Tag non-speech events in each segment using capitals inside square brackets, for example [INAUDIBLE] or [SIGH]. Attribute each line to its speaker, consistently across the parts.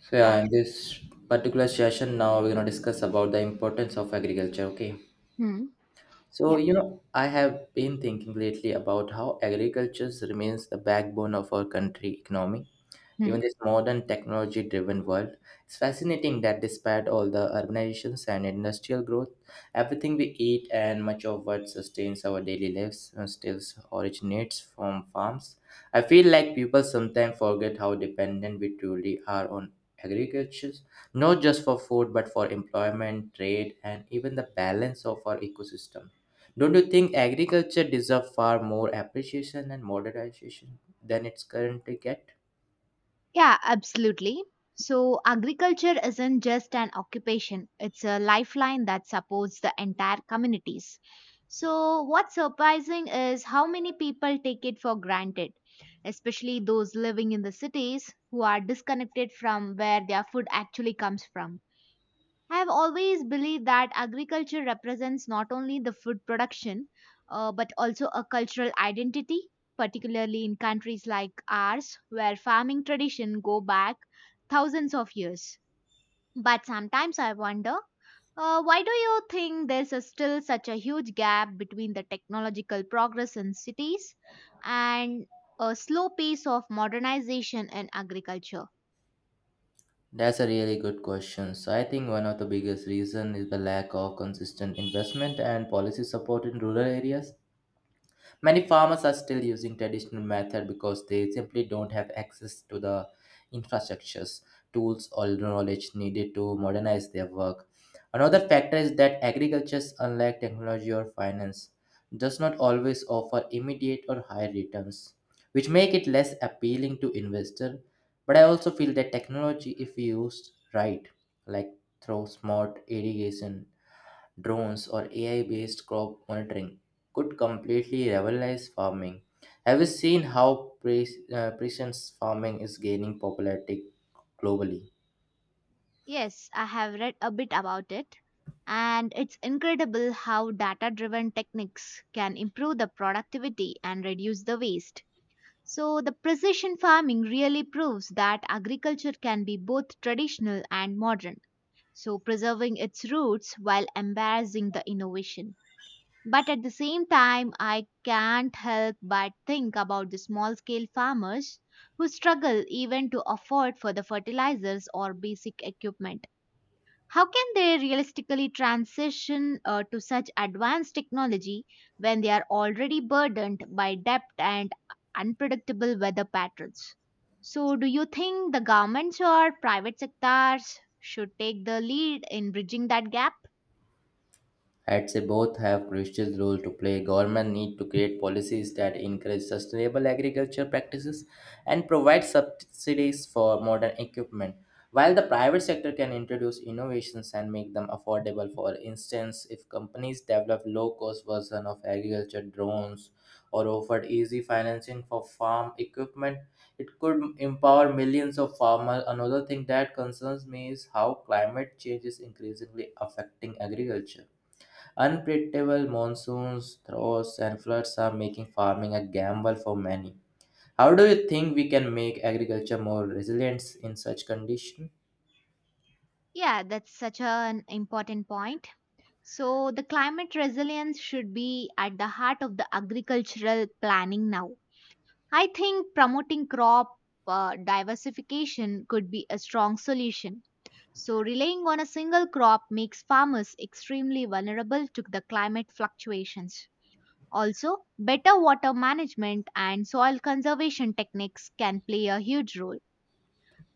Speaker 1: So
Speaker 2: Yeah.
Speaker 1: yeah, in this particular session now we're gonna discuss about the importance of agriculture. Okay.
Speaker 2: Hmm. Yeah.
Speaker 1: I have been thinking lately about how agriculture remains the backbone of our country economy
Speaker 2: Hmm.
Speaker 1: even this modern technology driven world. It's fascinating that despite all the urbanizations and industrial growth, everything we eat and much of what sustains our daily lives still originates from farms. I feel like people sometimes forget how dependent we truly are on agriculture, not just for food but for employment, trade, and even the balance of our ecosystem. Don't you think agriculture deserves far more appreciation and modernization than it's currently get?
Speaker 2: Yeah, absolutely. So, agriculture isn't just an occupation, it's a lifeline that supports the entire communities. So, what's surprising is how many people take it for granted, especially those living in the cities who are disconnected from where their food actually comes from. I have always believed that agriculture represents not only the food production, but also a cultural identity, particularly in countries like ours, where farming tradition go back thousands of years. But sometimes I wonder, why do you think there's a still such a huge gap between the technological progress in cities and a slow pace of modernization in agriculture?
Speaker 1: That's a really good question. So I think one of the biggest reason is the lack of consistent investment and policy support in rural areas. Many farmers are still using traditional method because they simply don't have access to the infrastructures, tools, or knowledge needed to modernize their work. Another factor is that agriculture, unlike technology or finance, does not always offer immediate or high returns, which make it less appealing to investors. But I also feel that technology, if used right, like through smart irrigation drones, or AI-based crop monitoring could completely revolutionize farming. Have you seen how precision farming is gaining popularity globally?
Speaker 2: Yes, I have read a bit about it, and it's incredible how data driven techniques can improve the productivity and reduce the waste. So, the precision farming really proves that agriculture can be both traditional and modern, so preserving its roots while embracing the innovation. But at the same time, I can't help but think about the small scale farmers who struggle even to afford for the fertilizers or basic equipment. How can they realistically transition to such advanced technology when they are already burdened by debt and unpredictable weather patterns? So, do you think the governments or private sectors should take the lead in bridging that gap?
Speaker 1: I'd say both have crucial role to play. Government need to create policies that encourage sustainable agriculture practices and provide subsidies for modern equipment, while the private sector can introduce innovations and make them affordable. For instance, if companies develop low-cost version of agriculture drones or offered easy financing for farm equipment, it could empower millions of farmers. Another thing that concerns me is how climate change is increasingly affecting agriculture. Unpredictable monsoons, droughts, and floods are making farming a gamble for many. How do you think we can make agriculture more resilient in such conditions?
Speaker 2: Yeah, that's such an important point. So, the climate resilience should be at the heart of the agricultural planning now. I think promoting crop diversification could be a strong solution. So, relying on a single crop makes farmers extremely vulnerable to the climate fluctuations. Also, better water management and soil conservation techniques can play a huge role.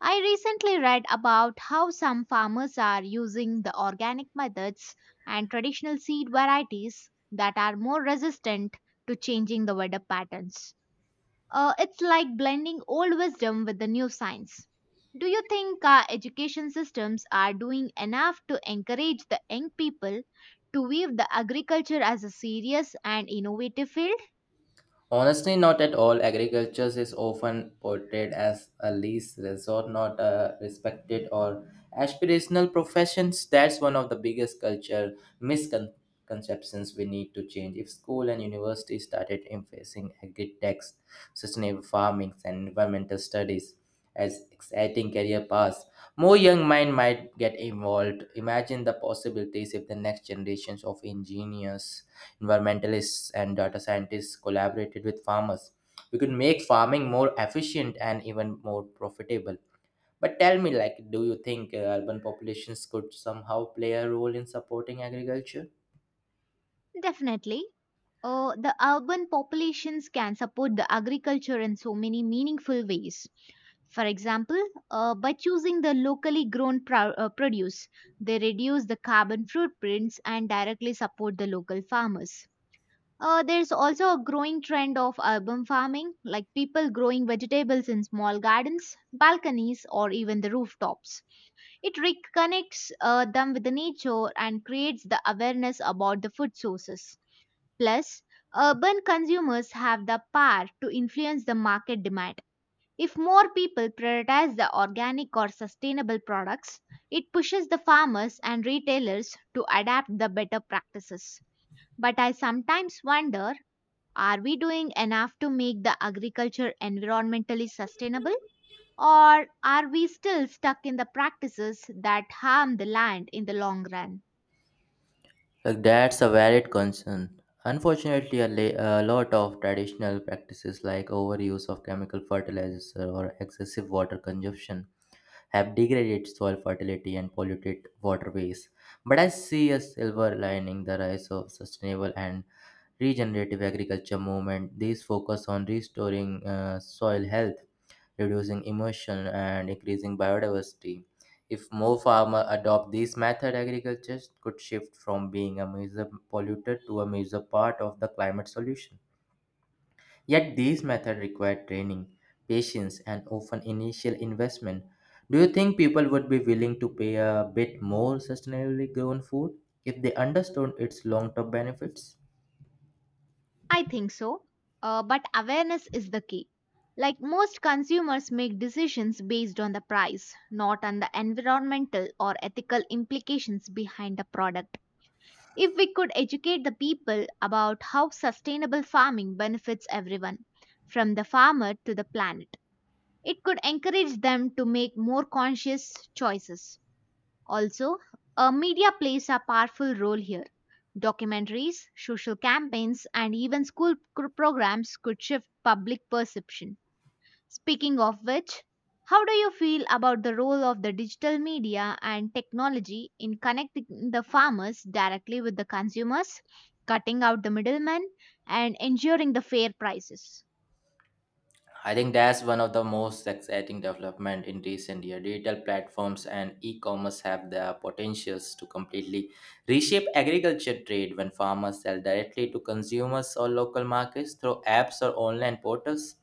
Speaker 2: I recently read about how some farmers are using the organic methods and traditional seed varieties that are more resistant to changing the weather patterns. It's like blending old wisdom with the new science. Do you think our education systems are doing enough to encourage the young people to weave the agriculture as a serious and innovative field?
Speaker 1: Honestly, not at all. Agriculture is often portrayed as a least resort, not a respected or aspirational profession. That's one of the biggest culture misconceptions we need to change. If school and university started emphasizing agri techs, sustainable farming, and environmental studies as exciting career paths, more young mind might get involved. Imagine the possibilities if the next generations of engineers environmentalists, and data scientists collaborated with farmers. We could make farming more efficient and even more profitable. But tell me, like, do you think urban populations could somehow play a role in supporting agriculture?
Speaker 2: Definitely. The urban populations can support the agriculture in so many meaningful ways. For example, by choosing the locally grown produce, they reduce the carbon footprints and directly support the local farmers. There's also a growing trend of urban farming, like people growing vegetables in small gardens, balconies, or even the rooftops. It reconnects them with the nature and creates the awareness about the food sources. Plus, urban consumers have the power to influence the market demand. If more people prioritize the organic or sustainable products, it pushes the farmers and retailers to adapt the better practices. But I sometimes wonder, are we doing enough to make the agriculture environmentally sustainable? Or are we still stuck in the practices that harm the land in the long run?
Speaker 1: Like that's a valid concern. Unfortunately, a lot of traditional practices like overuse of chemical fertilizers or excessive water consumption have degraded soil fertility and polluted waterways. But I see a silver lining the rise of sustainable and regenerative agriculture movement. These focus on restoring soil health, reducing erosion, and increasing biodiversity. If more farmers adopt these method, agriculture could shift from being a major polluter to a major part of the climate solution. Yet these methods require training, patience, and often initial investment. Do you think people would be willing to pay a bit more sustainably grown food if they understood its long-term benefits?
Speaker 2: I think so. But awareness is the key. Like, most consumers make decisions based on the price, not on the environmental or ethical implications behind the product. If we could educate the people about how sustainable farming benefits everyone, from the farmer to the planet, it could encourage them to make more conscious choices. Also, media plays a powerful role here. Documentaries, social campaigns, and even school programs could shift public perception. Speaking of which, how do you feel about the role of the digital media and technology in connecting the farmers directly with the consumers, cutting out the middlemen, and ensuring the fair prices?
Speaker 1: I think that's one of the most exciting development in recent years. Digital platforms and e-commerce have the potentials to completely reshape agriculture trade when farmers sell directly to consumers or local markets through apps or online portals.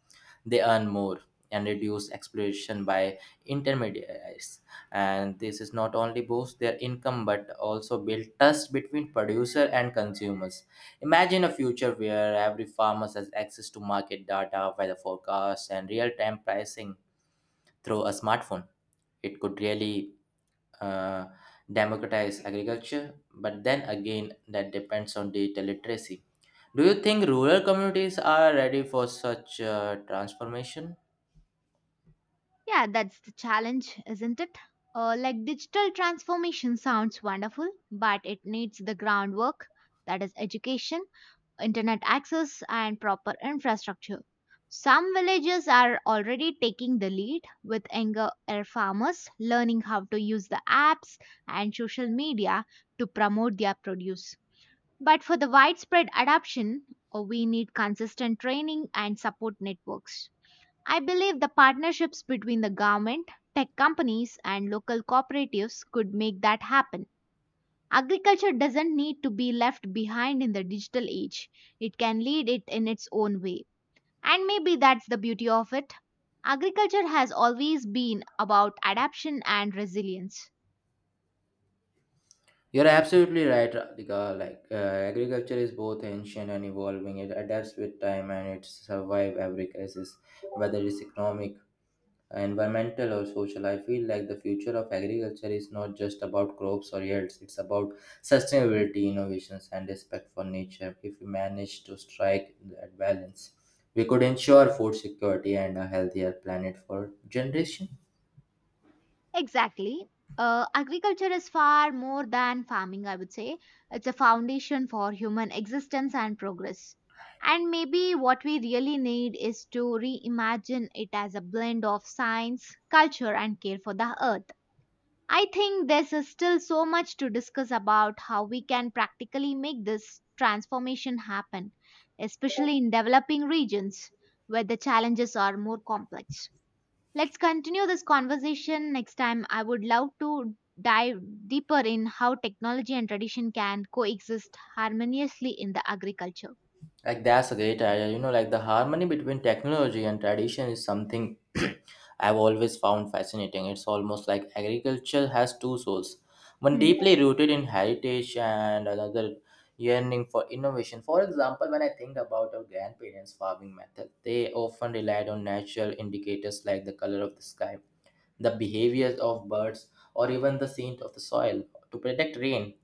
Speaker 1: They earn more and reduce exploitation by intermediaries. And this is not only boost their income but also build trust between producer and consumers. Imagine a future where every farmer has access to market data, weather forecasts, and real time pricing through a smartphone. It could really uh, democratize agriculture, but then again, that depends on data literacy. Do you think rural communities are ready for such transformation?
Speaker 2: Yeah, that's the challenge, isn't it? Like digital transformation sounds wonderful, but it needs the groundwork, that is, education, internet access, and proper infrastructure. Some villages are already taking the lead with younger air farmers learning how to use the apps and social media to promote their produce. But for the widespread adoption, we need consistent training and support networks. I believe the partnerships between the government, tech companies, and local cooperatives could make that happen. Agriculture doesn't need to be left behind in the digital age, it can lead it in its own way. And maybe that's the beauty of it. Agriculture has always been about adaptation and resilience.
Speaker 1: You're absolutely right, Radhika. Like agriculture is both ancient and evolving. It adapts with time and it survives every crisis, whether it's economic, environmental or social. I feel like the future of agriculture is not just about crops or yields. It's about sustainability innovations and respect for nature. If we manage to strike that balance we could ensure food security and a healthier planet for generations.
Speaker 2: Exactly. Agriculture is far more than farming, I would say. It's a foundation for human existence and progress. And maybe what we really need is to reimagine it as a blend of science, culture, and care for the earth. I think there's still so much to discuss about how we can practically make this transformation happen, especially in developing regions where the challenges are more complex. Let's continue this conversation next time. I would love to dive deeper in how technology and tradition can coexist harmoniously in the agriculture.
Speaker 1: Like that's a great idea. You know, like the harmony between technology and tradition is something [CLEARS THROAT] I've always found fascinating. It's almost like agriculture has two souls. One
Speaker 2: Hmm.
Speaker 1: deeply rooted in heritage and another yearning for innovation. For example, when I think about our grandparents' farming method, they often relied on natural indicators like the color of the sky, the behaviors of birds, or even the scent of the soil to predict rain.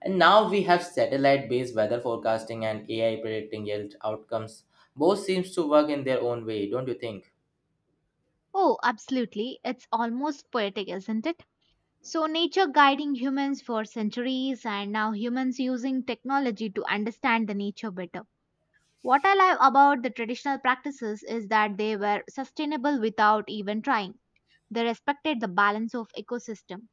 Speaker 1: And now we have satellite based weather forecasting and AI predicting health outcomes. Both seems to work in their own way, don't you think?
Speaker 2: Oh, absolutely. It's almost poetic, isn't it? So, nature guiding humans for centuries, and now humans using technology to understand the nature better. What I love about the traditional practices is that they were sustainable without even trying. They respected the balance of ecosystem,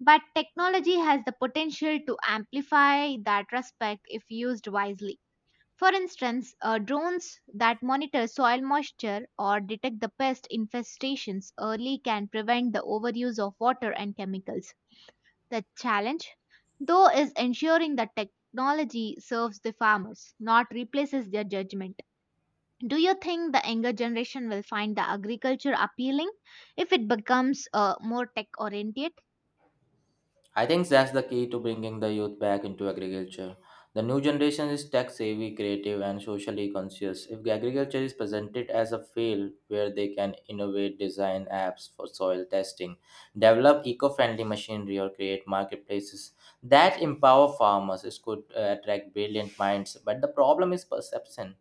Speaker 2: but technology has the potential to amplify that respect if used wisely. For instance, drones that monitor soil moisture or detect the pest infestations early can prevent the overuse of water and chemicals. The challenge, though, is ensuring that technology serves the farmers, not replaces their judgment. Do you think the younger generation will find the agriculture appealing if it becomes more tech oriented?
Speaker 1: I think that's the key to bringing the youth back into agriculture. The new generation is tech savvy, creative, and socially conscious. If agriculture is presented as a field where they can innovate, design apps for soil testing, develop eco friendly machinery, or create marketplaces that empower farmers, it could attract brilliant minds. But the problem is perception.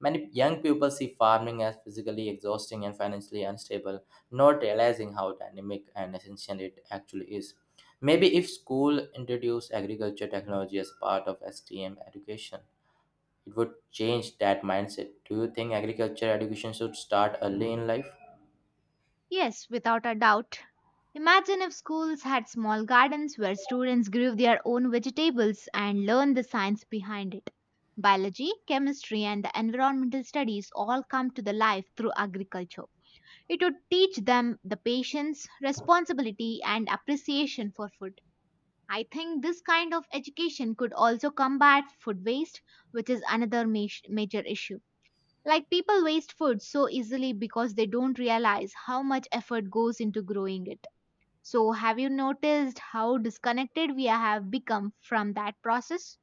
Speaker 1: Many young people see farming as physically exhausting and financially unstable, not realizing how dynamic and essential it actually is. Maybe if school introduced agriculture technology as part of STM education, it would change that mindset. Do you think agriculture education should start early in life?
Speaker 2: Yes, without a doubt. Imagine if schools had small gardens where students grew their own vegetables and learned the science behind it. Biology, chemistry, and the environmental studies all come to the life through agriculture. It would teach them the patience, responsibility, and appreciation for food. I think this kind of education could also combat food waste, which is another major issue. Like, people waste food so easily because they don't realize how much effort goes into growing it. So, have you noticed how disconnected we have become from that process?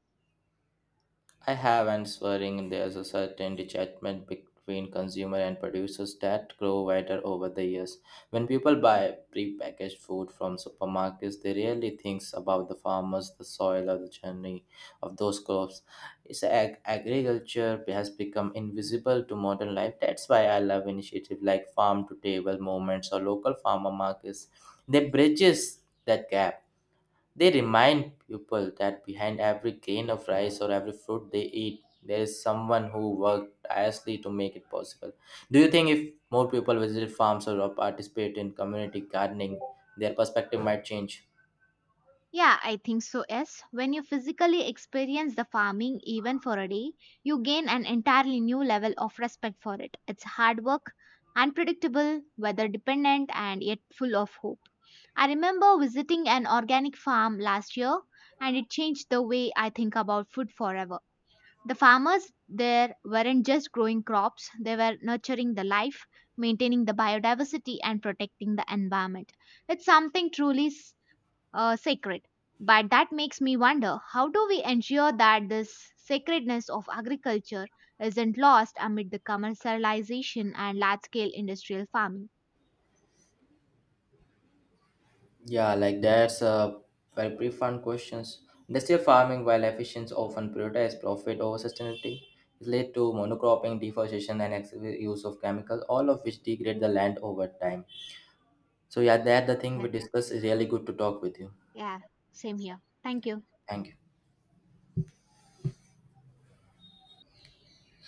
Speaker 1: I have, and swearing there's a certain detachment between consumer and producers that grow wider over the years. When people buy prepackaged food from supermarkets, they rarely think about the farmers, the soil, or the journey of those crops. It's agriculture has become invisible to modern life. That's why I love initiatives like farm to table movements or local farmer markets. They bridges that gap. They remind people that behind every grain of rice or every fruit they eat, there is someone who worked tirelessly to make it possible. Do you think if more people visited farms or participate in community gardening, their perspective might change?
Speaker 2: Yeah, I think so. Yes, when you physically experience the farming even for a day, you gain an entirely new level of respect for it. It's hard work, unpredictable, weather dependent, and yet full of hope. I remember visiting an organic farm last year and it changed the way I think about food forever. The farmers there weren't just growing crops, they were nurturing the life, maintaining the biodiversity, and protecting the environment. It's something truly sacred. But that makes me wonder, how do we ensure that this sacredness of agriculture isn't lost amid the commercialization and large scale industrial farming?
Speaker 1: Yeah, like that's a very brief fun questions. Industrial farming, while efficient, often prioritizes profit over sustainability. It led to monocropping, deforestation, and excessive use of chemicals, all of which degrade the land over time. So yeah, that the thing we
Speaker 2: Yes.
Speaker 1: discussed is really good to talk with you.
Speaker 2: Yeah, same here. Thank you.
Speaker 1: Thank you.